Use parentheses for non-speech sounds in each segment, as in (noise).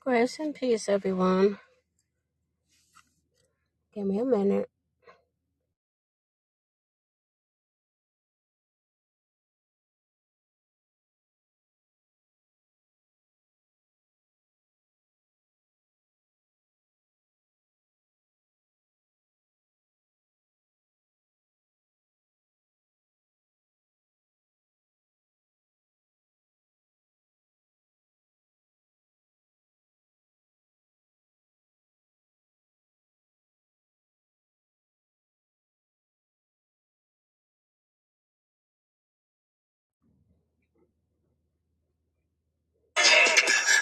Grace and peace, everyone. Give me a minute.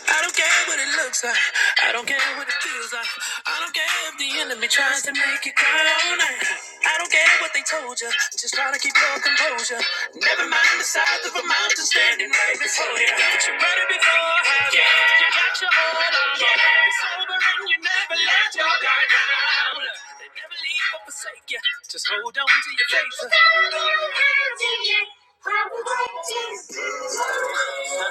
I don't care what it looks like. I don't care what it feels like. I don't care if the enemy tries to make you cry all night. I don't care what they told you. Just try to keep your composure. Never mind the size of a mountain standing right before you. But you better be forehead. Yeah. You got your hold on. Yeah. Be sober and you never let your guard down. They never leave or forsake you. Just hold on to your faith. Hold on to your faith. Lights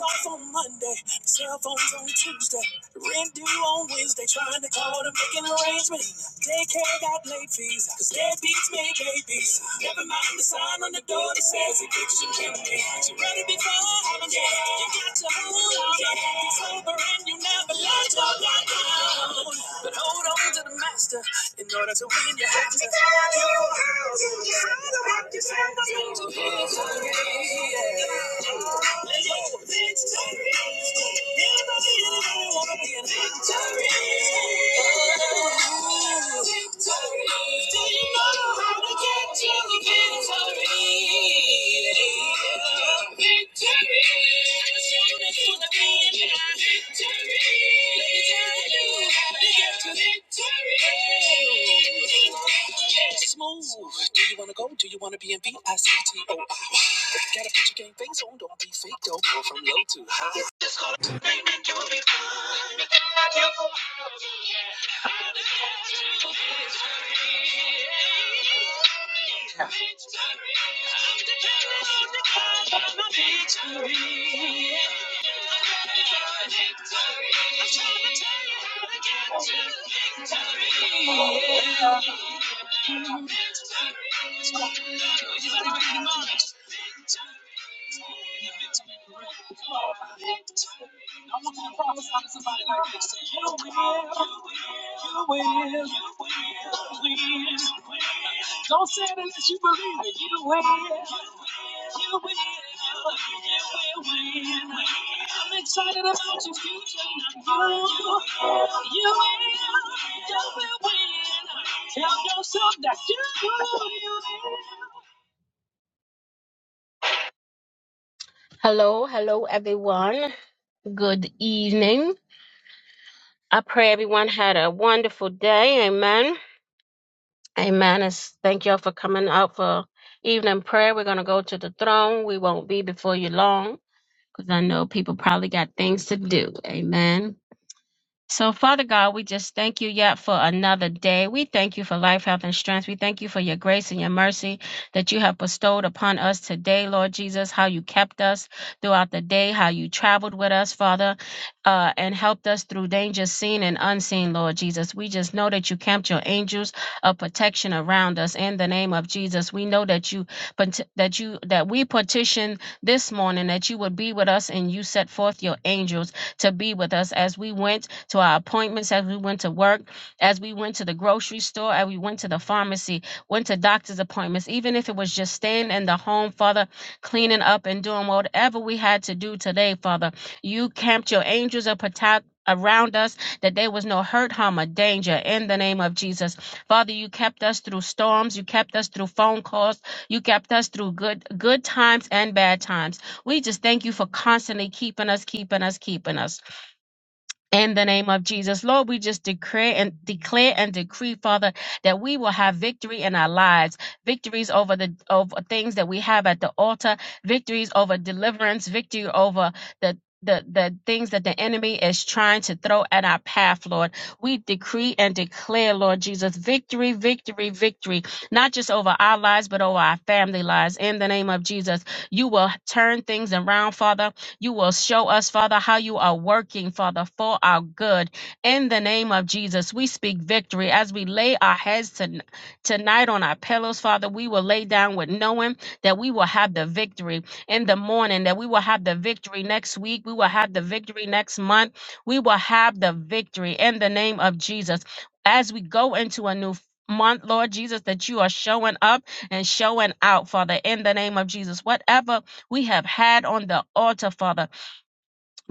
off on Monday, cell phones on Tuesday, rent due on Wednesday, trying to call to make an arrangement. Daycare got late fees visa. Cause dead beats make babies. Never mind the sign on the door that says addiction can be. You ready before I'm dead. You got your whole on. It's sober and you never let your guard down. But hold on to the master. In order to win, you have to. Let me tell you how to use your you Let go. Smooth. Do you want to go? Do you want to be in V-I-C-T-O-I? Gotta put your game face on. Don't be fake, though. Go from low to high. Victory. Don't say it unless you believe it. You will. You will. You will. You will. I'm excited about your future. You, you will, you will win. Tell yourself that you, will, you will. Hello, hello, everyone. Good evening. I pray everyone had a wonderful day. Amen. Amen. It's- Thank y'all for coming out for evening prayer. We're going to go to the throne. We won't be before you long because I know people probably got things to do. Amen. So, Father God, we just thank you yet for another day. We thank you for life, health, and strength. We thank you for your grace and your mercy that you have bestowed upon us today, Lord Jesus, how you kept us throughout the day, how you traveled with us, Father, uh, and helped us through dangers seen and unseen, Lord Jesus. We just know that you camped your angels of protection around us in the name of Jesus. We know that you pet- that you that we petitioned this morning that you would be with us and you set forth your angels to be with us as we went to our appointments, as we went to work, as we went to the grocery store, as we went to the pharmacy, went to doctor's appointments, even if it was just staying in the home, Father, cleaning up and doing whatever we had to do today, Father. You camped your angels of protect around us that there was no hurt harm or danger in the name of jesus father you kept us through storms you kept us through phone calls you kept us through good good times and bad times we just thank you for constantly keeping us, keeping us, keeping us. In the name of Jesus, Lord, we just decree and declare and decree, Father, that we will have victory in our lives, victories over the over things that we have at the altar, victories over deliverance, victory over the the, the things that the enemy is trying to throw at our path, Lord. We decree and declare, Lord Jesus, victory, victory, victory, not just over our lives, but over our family lives. In the name of Jesus, you will turn things around, Father you will show us, Father, how you are working, Father, for our good. In the name of Jesus, we speak victory as we lay our heads to, tonight on our pillows, Father. We will lay down with knowing that we will have the victory in the morning, that we will have the victory next week, we will have the victory next month, we will have the victory in the name of Jesus. As we go into a new month, Lord Jesus, that you are showing up and showing out, Father, in the name of Jesus. Whatever we have had on the altar, Father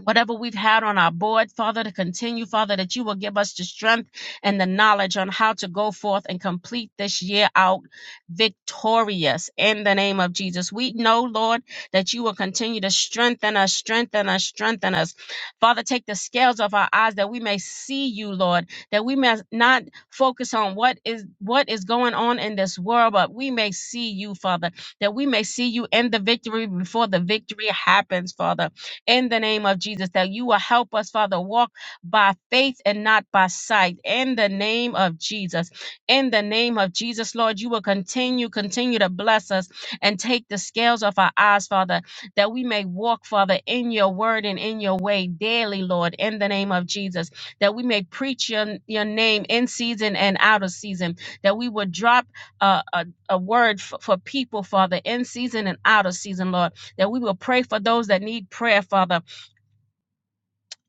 whatever we've had on our board, Father, to continue, Father, that you will give us the strength and the knowledge on how to go forth and complete this year out victorious in the name of Jesus. We know, Lord, that you will continue to strengthen us, strengthen us, strengthen us. Father, take the scales off our eyes that we may see you, Lord, that we may not focus on what is what is going on in this world, but we may see you, Father, that we may see you in the victory before the victory happens, Father in the name of Jesus, that you will help us, Father, walk by faith and not by sight in the name of Jesus. In the name of Jesus, Lord, you will continue, continue to bless us and take the scales off our eyes, Father, that we may walk, Father, in your word and in your way daily, Lord, in the name of Jesus, that we may preach your, your name in season and out of season, that we would drop uh, a, a word for, for people, Father, in season and out of season, Lord that we will pray for those that need prayer, Father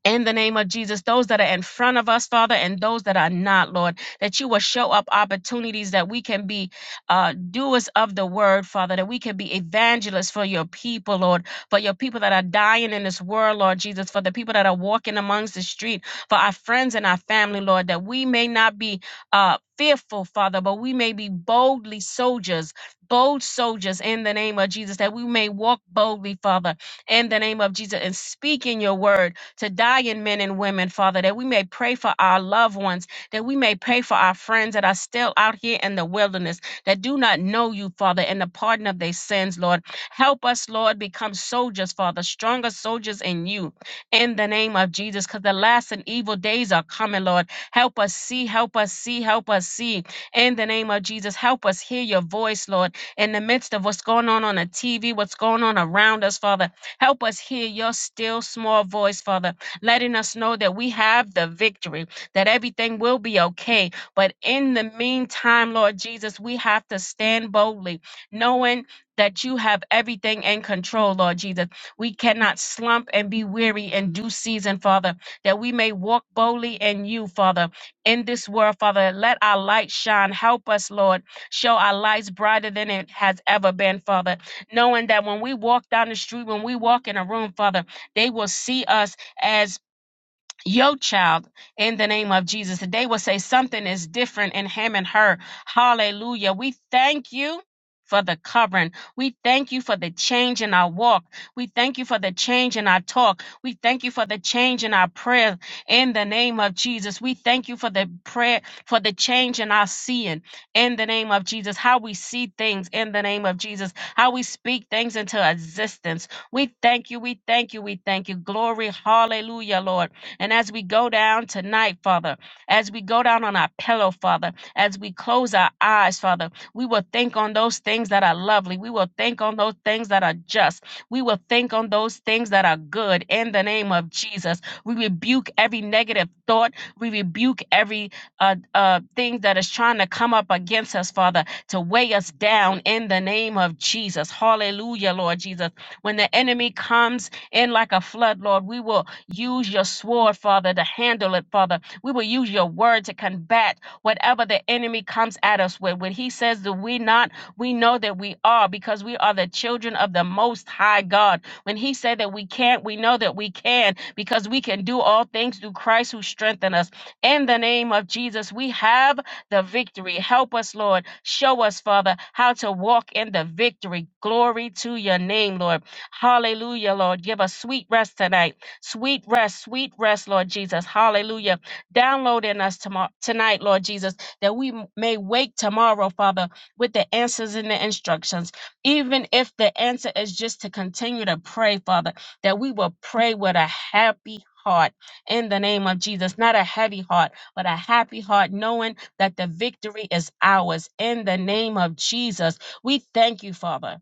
in the name of Jesus, those that are in front of us, Father, and those that are not, Lord, that you will show up opportunities that we can be uh, doers of the word, Father, that we can be evangelists for your people, Lord, for your people that are dying in this world, Lord Jesus, for the people that are walking amongst the street, for our friends and our family, Lord, that we may not be uh, fearful, Father, but we may be boldly soldiers, bold soldiers in the name of Jesus, that we may walk boldly, Father, in the name of Jesus, and speak in your word to die in men and women, Father, that we may pray for our loved ones, that we may pray for our friends that are still out here in the wilderness, that do not know you, Father, and the pardon of their sins, Lord. Help us, Lord, become soldiers, Father, stronger soldiers in you, in the name of Jesus, because the last and evil days are coming, Lord. Help us see, help us see, help us see, in the name of Jesus. Help us hear your voice, Lord, in the midst of what's going on on the TV, what's going on around us, Father. Help us hear your still small voice, Father, letting us know that we have the victory, that everything will be okay. But in the meantime, Lord Jesus, we have to stand boldly, knowing that you have everything in control, Lord Jesus. We cannot slump and be weary in due season, Father, that we may walk boldly in you, Father, in this world, Father. Let our light shine. Help us, Lord. Show our lights brighter than it has ever been, Father knowing that when we walk down the street, when we walk in a room, Father, they will see us as your child in the name of Jesus today will say something is different in him and her. Hallelujah. We thank you. For the covering. We thank you for the change in our walk. We thank you for the change in our talk. We thank you for the change in our prayer in the name of Jesus. We thank you for the prayer, for the change in our seeing in the name of Jesus. How we see things in the name of Jesus. How we speak things into existence. We thank you. We thank you. We thank you. Glory. Hallelujah, Lord. And as we go down tonight, Father, as we go down on our pillow, Father, as we close our eyes, Father, we will think on those things that are lovely. We will think on those things that are just. We will think on those things that are good in the name of Jesus. We rebuke every negative thought. We rebuke every uh, uh, thing that is trying to come up against us, Father, to weigh us down in the name of Jesus. Hallelujah, Lord Jesus. When the enemy comes, in like a flood, Lord. We will use your sword, Father, to handle it, Father. We will use your word to combat whatever the enemy comes at us with. When he says that we not, we know that we are because we are the children of the most high God. When he said that we can't, we know that we can because we can do all things through Christ who strengthen us. In the name of Jesus, we have the victory. Help us, Lord. Show us, Father, how to walk in the victory. Glory to your name, Lord. Hallelujah, Lord. Give us sweet rest tonight. Sweet rest, sweet rest, Lord Jesus. Hallelujah. Download in us tomorrow, tonight, Lord Jesus, that we m- may wake tomorrow, Father, with the answers and the instructions. Even if the answer is just to continue to pray, Father, that we will pray with a happy heart in the name of Jesus. Not a heavy heart, but a happy heart, knowing that the victory is ours in the name of Jesus. We thank you, Father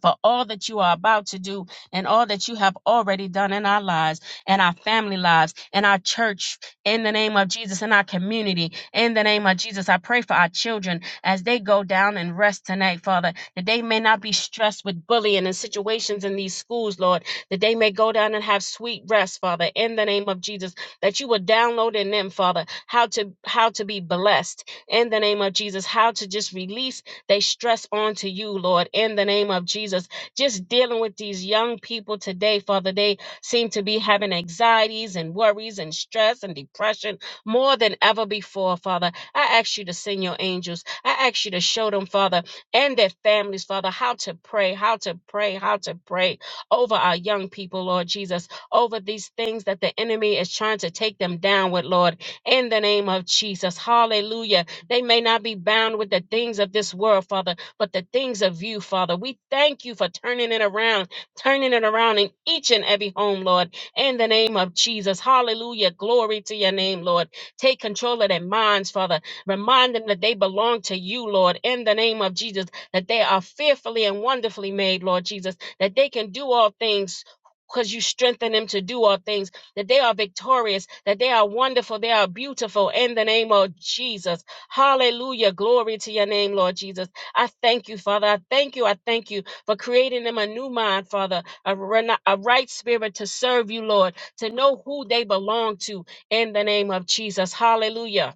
for all that you are about to do and all that you have already done in our lives and our family lives and our church in the name of Jesus in our community in the name of Jesus I pray for our children as they go down and rest tonight father that they may not be stressed with bullying and situations in these schools lord that they may go down and have sweet rest father in the name of Jesus that you will download in them father how to how to be blessed in the name of Jesus how to just release they stress on to you, Lord, in the name of Jesus. Just dealing with these young people today, Father, they seem to be having anxieties and worries and stress and depression more than ever before, Father. I ask you to send your angels. I ask you to show them, Father, and their families, Father, how to pray, how to pray, how to pray over our young people, Lord Jesus, over these things that the enemy is trying to take them down with, Lord, in the name of Jesus. Hallelujah they may not be bound with the things of this world, Father, but the things of you, Father. We thank you for turning it around, turning it around in each and every home, Lord, in the name of Jesus. Hallelujah. Glory to your name, Lord. Take control of their minds, Father. Remind them that they belong to you, Lord, in the name of Jesus, that they are fearfully and wonderfully made, Lord Jesus, that they can do all things. Because you strengthen them to do all things, that they are victorious, that they are wonderful, they are beautiful in the name of Jesus. Hallelujah. Glory to your name, Lord Jesus. I thank you, Father. I thank you. I thank you for creating them a new mind, Father, a, rena- a right spirit to serve you, Lord, to know who they belong to in the name of Jesus. Hallelujah.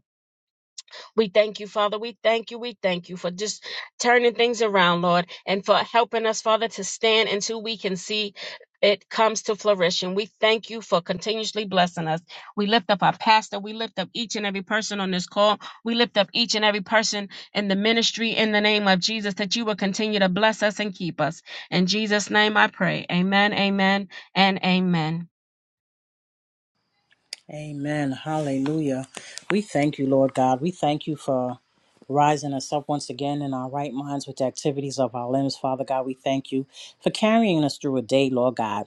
We thank you, Father. We thank you. We thank you for just turning things around, Lord, and for helping us, Father, to stand until we can see it comes to flourishing. We thank you for continuously blessing us. We lift up our pastor. We lift up each and every person on this call. We lift up each and every person in the ministry in the name of Jesus that you will continue to bless us and keep us. In Jesus' name I pray. Amen, amen, and amen. Amen. Hallelujah. We thank you, Lord God. We thank you for rising us up once again in our right minds with the activities of our limbs. Father God, we thank you for carrying us through a day, Lord God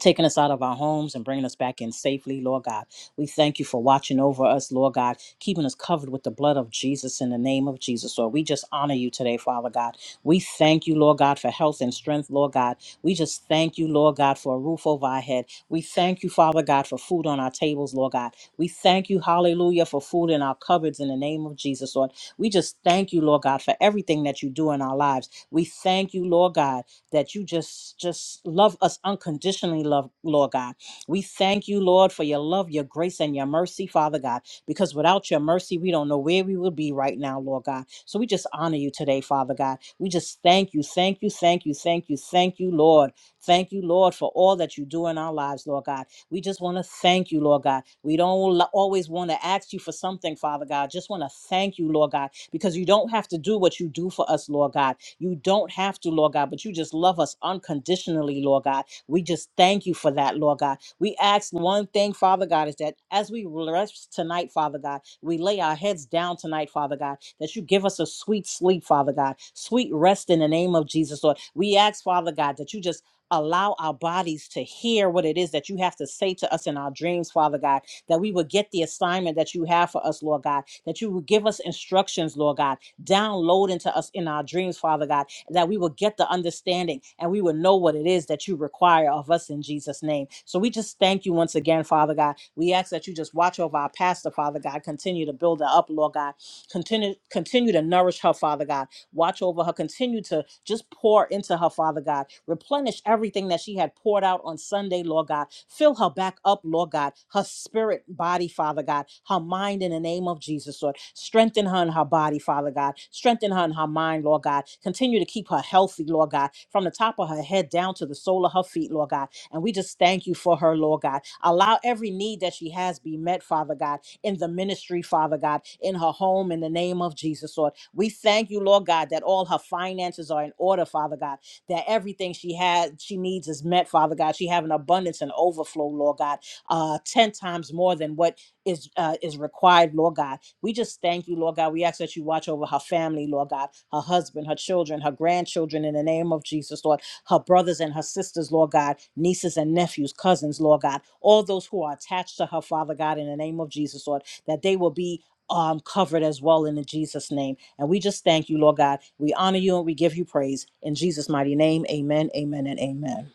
taking us out of our homes and bringing us back in safely, Lord God. We thank you for watching over us, Lord God, keeping us covered with the blood of Jesus in the name of Jesus. Lord, we just honor you today, Father God. We thank you, Lord God, for health and strength, Lord God. We just thank you, Lord God, for a roof over our head. We thank you, Father God, for food on our tables, Lord God. We thank you, hallelujah, for food in our cupboards in the name of Jesus, Lord. We just thank you, Lord God, for everything that you do in our lives. We thank you, Lord God that you just just love us unconditionally, love Lord God. We thank you, Lord, for your love, your grace, and your mercy, Father God. Because without your mercy, we don't know where we would be right now, Lord God. So we just honor you today, Father God. We just thank you, thank you, thank you, thank you, thank you, Lord. Thank you, Lord, for all that you do in our lives, Lord God. We just want to thank you, Lord God. We don't lo- always want to ask you for something, Father God. Just want to thank you, Lord God, because you don't have to do what you do for us, Lord God. You don't have to, Lord God, but you just love us unconditionally, Lord God. We just thank you for that, Lord God. We ask one thing, Father God, is that as we rest tonight, Father God, we lay our heads down tonight, Father God, that you give us a sweet sleep, Father God, sweet rest in the name of Jesus, Lord. We ask, Father God, that you just allow our bodies to hear what it is that you have to say to us in our dreams, Father God, that we will get the assignment that you have for us, Lord God, that you will give us instructions, Lord God, Download into us in our dreams, Father God, that we will get the understanding and we will know what it is that you require of us in Jesus' name. So we just thank you once again, Father God. We ask that you just watch over our pastor, Father God. Continue to build her up, Lord God. Continue, continue to nourish her, Father God. Watch over her. Continue to just pour into her, Father God. Replenish everything that she had poured out on Sunday, Lord God. Fill her back up, Lord God. Her spirit, body, Father God. Her mind in the name of Jesus, Lord. Strengthen her in her body, Father God. Strengthen her in her mind, Lord God. Continue to keep her healthy, Lord God, from the top of her head down to the sole of her feet, Lord God. And we just thank you for her, Lord God. Allow every need that she has be met, Father God in the ministry, Father God, in her home, in the name of Jesus, Lord. We thank you, Lord God, that all her finances are in order, Father God, that everything she has, she needs is met, Father God. She have an abundance and overflow, Lord God, uh, 10 times more than what is uh, is required, Lord God. We just thank you, Lord God. We ask that you watch over her family, Lord God, her husband, her children, her grandchildren, in the name of Jesus, Lord her brothers and her sisters, Lord God, nieces and nephews, cousins, Lord God, all those who are attached to her, Father God, in the name of Jesus, Lord, that they will be. Um, covered as well in the Jesus name. And we just thank you, Lord God. We honor you and we give you praise. In Jesus' mighty name, amen, amen, and amen.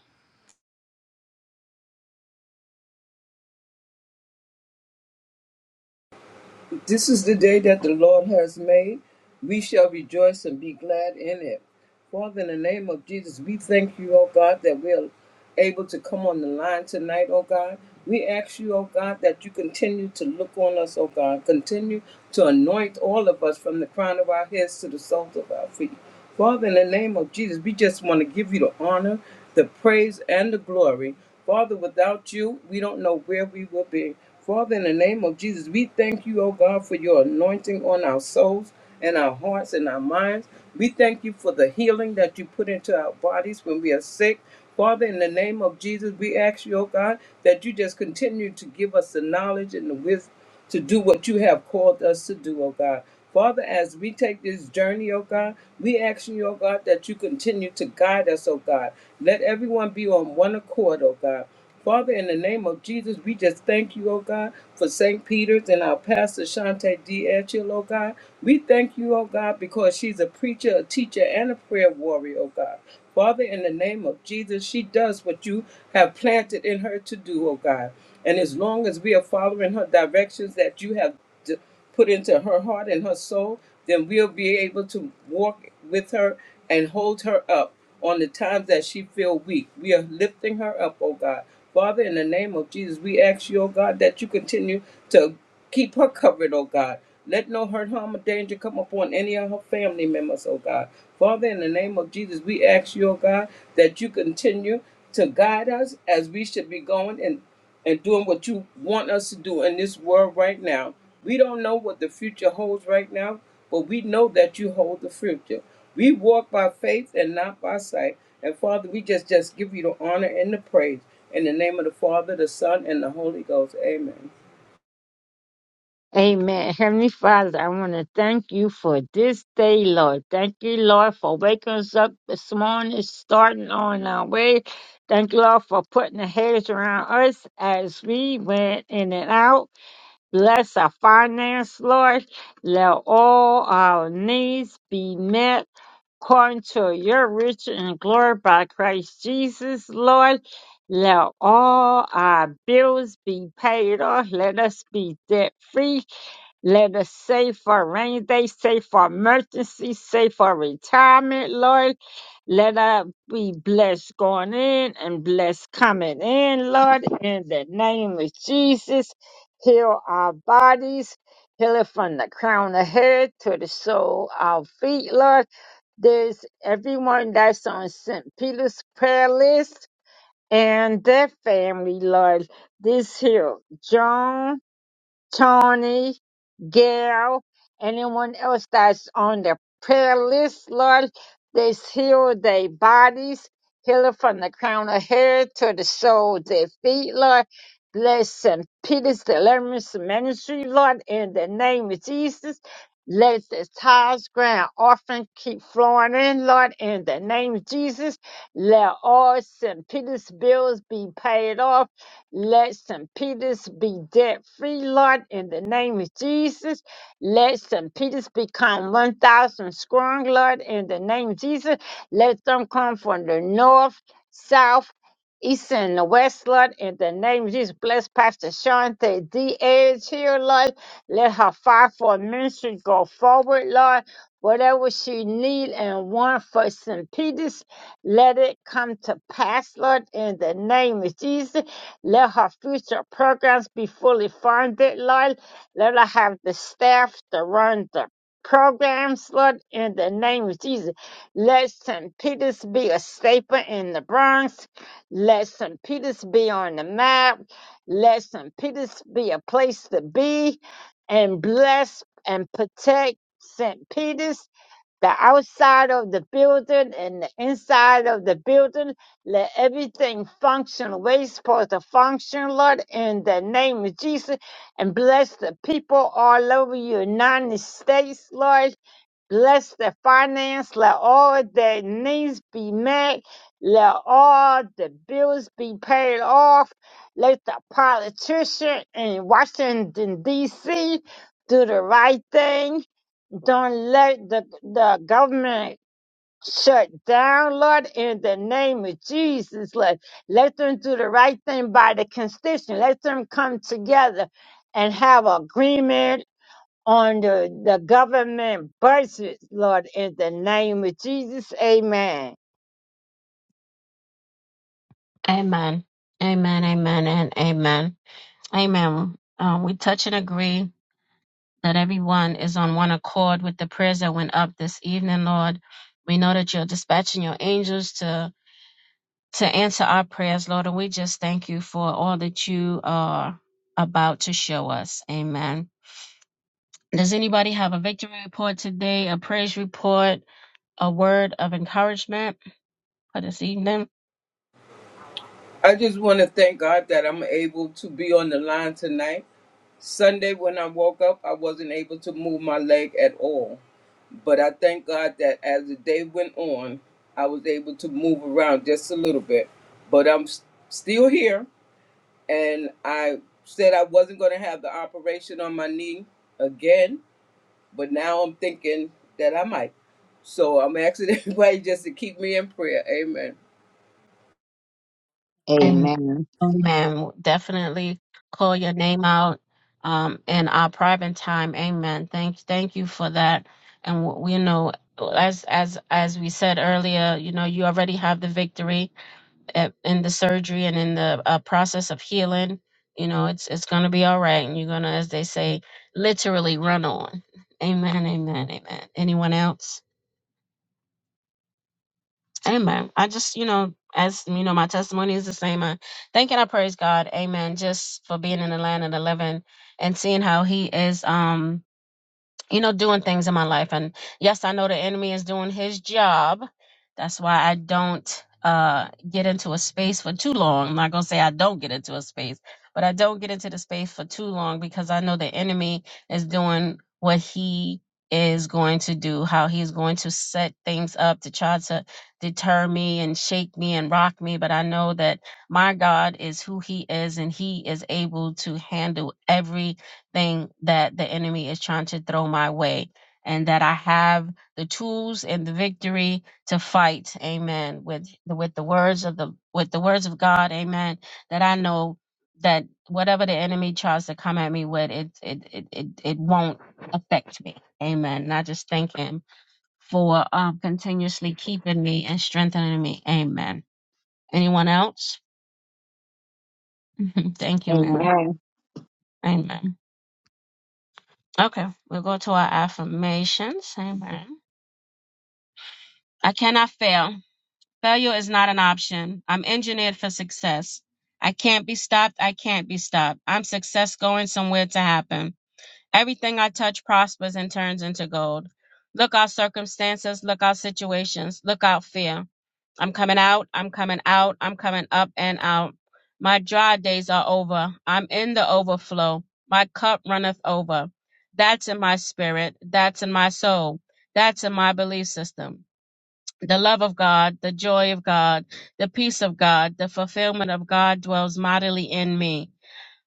This is the day that the Lord has made. We shall rejoice and be glad in it. Father, in the name of Jesus, we thank you, oh God, that we're able to come on the line tonight, oh God. We ask you, oh God, that you continue to look on us, oh God. Continue to anoint all of us from the crown of our heads to the soles of our feet. Father, in the name of Jesus, we just want to give you the honor, the praise, and the glory. Father, without you, we don't know where we will be. Father, in the name of Jesus, we thank you, oh God, for your anointing on our souls and our hearts and our minds. We thank you for the healing that you put into our bodies when we are sick. Father, in the name of Jesus, we ask you, oh God, that you just continue to give us the knowledge and the wisdom to do what you have called us to do, oh God. Father, as we take this journey, oh God, we ask you, oh God, that you continue to guide us, oh God. Let everyone be on one accord, oh God. Father, in the name of Jesus, we just thank you, oh God, for St. Peter's and our pastor, Shante D. Etchell, oh God. We thank you, oh God, because she's a preacher, a teacher, and a prayer warrior, oh God. Father, in the name of Jesus, she does what you have planted in her to do, oh God. And as long as we are following her directions that you have d- put into her heart and her soul, then we'll be able to walk with her and hold her up on the times that she feel weak. We are lifting her up, oh God. Father, in the name of Jesus, we ask you, oh God, that you continue to keep her covered, oh God. Let no hurt, harm, or danger come upon any of her family members, oh God. Father, in the name of Jesus, we ask you, oh God, that you continue to guide us as we should be going. in and doing what you want us to do in this world right now. We don't know what the future holds right now, but we know that you hold the future. We walk by faith and not by sight. And Father, we just just give you the honor and the praise in the name of the Father, the Son, and the Holy Ghost. Amen. Amen. Heavenly Father, I want to thank you for this day, Lord. Thank you, Lord, for waking us up this morning, starting on our way. Thank you, Lord, for putting the hedge around us as we went in and out. Bless our finance, Lord. Let all our needs be met according to your riches and glory by Christ Jesus, Lord. Let all our bills be paid off. Let us be debt free let us save for rainy day, save for emergency, save for retirement, Lord. Let us be blessed going in and blessed coming in, Lord. In the name of Jesus, heal our bodies. Heal it from the crown of head to the sole of feet, Lord. There's everyone that's on St. Peter's prayer list and their family, Lord. This here, John, Tony, Gail, anyone else that's on the prayer list, Lord, this heal their bodies, heal it from the crown of hair to the sole of their feet, Lord. Bless St. Peter's Deliverance Ministry, Lord, in the name of Jesus. Let the tithes, grand offering keep flowing in, Lord, in the name of Jesus. Let all St. Peter's bills be paid off. Let St. Peter's be debt free, Lord, in the name of Jesus. Let St. Peter's become 1,000 strong, Lord, in the name of Jesus. Let them come from the north, south, east, and the west, Lord, in the name of Jesus. Bless Pastor Shante Diaz here, Lord. Let her fire for ministry go forward, Lord. Whatever she need and want for St. Peter's. Let it come to pass, Lord, in the name of Jesus. Let her future programs be fully funded, Lord. Let her have the staff to run the programs, Lord, in the name of Jesus. Let St. Peter's be a staple in the Bronx. Let St. Peter's be on the map. Let St. Peter's be a place to be and bless and protect St. Peter's the outside of the building and the inside of the building. Let everything function the way it's supposed to function, Lord, in the name of Jesus. And bless the people all over the United States, Lord. Bless the finance. Let all their needs be met. Let all the bills be paid off. Let the politician in Washington, D.C. do the right thing don't let the, the government shut down, Lord, in the name of Jesus, Lord. Let them do the right thing by the constitution. Let them come together and have agreement on the, the government budget, Lord, in the name of Jesus. Amen. Amen. Amen, amen, and amen. Amen. Um, we touch and agree that everyone is on one accord with the prayers that went up this evening, Lord. We know that you're dispatching your angels to to answer our prayers, Lord, and we just thank you for all that you are about to show us. Amen. Does anybody have a victory report today, a praise report, a word of encouragement for this evening? I just want to thank God that I'm able to be on the line tonight. Sunday, when I woke up, I wasn't able to move my leg at all. But I thank God that as the day went on, I was able to move around just a little bit. But I'm s- still here, and I said I wasn't going to have the operation on my knee again. But now I'm thinking that I might. So I'm asking (laughs) everybody just to keep me in prayer. Amen. Amen. Amen. Amen. Definitely call your name out um, in our private time. Amen. Thank, thank you for that. And w- we know, as as as we said earlier, you know, you already have the victory at, in the surgery and in the uh, process of healing. You know, it's it's gonna be all right, and you're gonna, as they say, literally run on. Amen. Amen. Amen. Anyone else? Amen. I just, you know, as you know, my testimony is the same. I thank and I praise God, Amen, just for being in the land of the living and seeing how He is. Um, you know, doing things in my life. And yes, I know the enemy is doing his job. That's why I don't uh get into a space for too long. I'm not gonna say I don't get into a space, but I don't get into the space for too long because I know the enemy is doing what he is going to do, how he's going to set things up to try to deter me and shake me and rock me. But I know that my God is who he is and he is able to handle every thing that the enemy is trying to throw my way and that I have the tools and the victory to fight amen with the, with the words of the with the words of God amen that I know that whatever the enemy tries to come at me with it it it it, it won't affect me amen and I just thank him for um, continuously keeping me and strengthening me amen anyone else (laughs) thank you Mary Amen. amen okay we'll go to our affirmations amen I cannot fail. Failure is not an option. I'm engineered for success. I can't be stopped. I can't be stopped. I'm success going somewhere to happen. Everything I touch prospers and turns into gold. Look out circumstances, look out situations, look out fear. I'm coming out, I'm coming out, I'm coming up and out. My dry days are over. I'm in the overflow. My cup runneth over. That's in my spirit. That's in my soul. That's in my belief system the love of God, the joy of God, the peace of God, the fulfillment of God dwells mightily in me.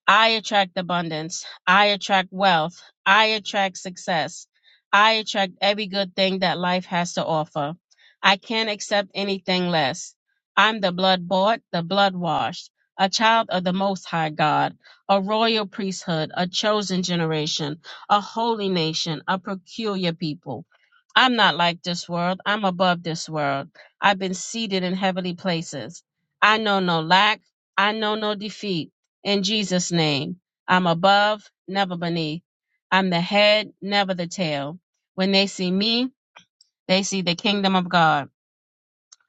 I attract abundance. I attract wealth. I attract success. I attract every good thing that life has to offer. I can't accept anything less. I'm the blood bought, the blood washed, a child of the Most High God, a royal priesthood, a chosen generation, a holy nation, a peculiar people. I'm not like this world. I'm above this world. I've been seated in heavenly places. I know no lack. I know no defeat in Jesus' name. I'm above, never beneath. I'm the head, never the tail. When they see me, they see the kingdom of God.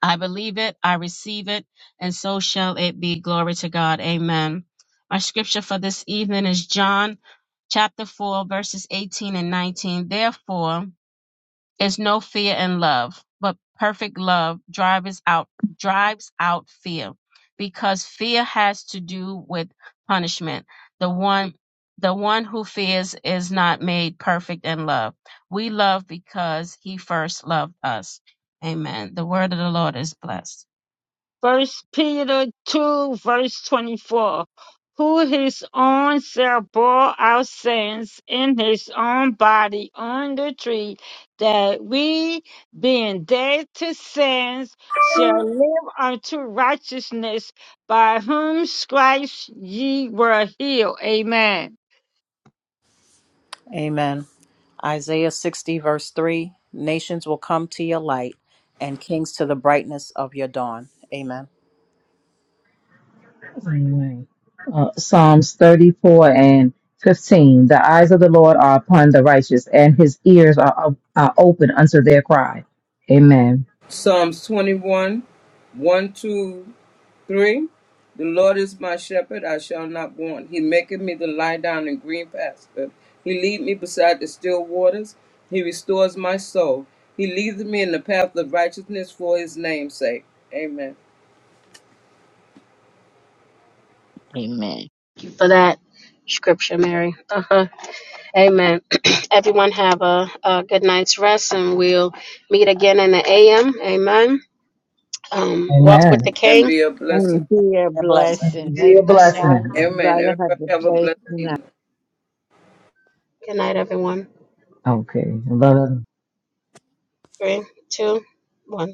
I believe it, I receive it, and so shall it be. Glory to God. Amen. Our scripture for this evening is John chapter 4, verses 18 and 19. Therefore, is no fear in love, but perfect love drives out drives out fear, because fear has to do with punishment. The one the one who fears is not made perfect in love. We love because he first loved us. Amen. The word of the Lord is blessed. First Peter 2, verse 24. Who his own self bore our sins in his own body on the tree, that we, being dead to sins, shall live unto righteousness, by whom stripes ye were healed. Amen. Amen. Isaiah 60, verse 3 Nations will come to your light and kings to the brightness of your dawn. Amen. Amen. Uh, Psalms 34 and 15. The eyes of the Lord are upon the righteous, and his ears are, are are open unto their cry. Amen. Psalms 21, 1, two, three. The Lord is my shepherd, I shall not want. He maketh me to lie down in green pastures. He lead me beside the still waters. He restores my soul. He leads me in the path of righteousness for his name's sake. Amen. Amen. for that scripture, Mary. Uh-huh. Amen. (clears throat) Everyone have a, a good night's rest, and we'll meet again in the AM. Amen. Um, walk with the Amen. King. And be a blessing. And be a A blessing. And blessing. be a blessing. Everyone, blessing. I'd Amen. rather have Everybody the have a blessed blessing. evening. Good night, everyone. Okay. Three, two, one.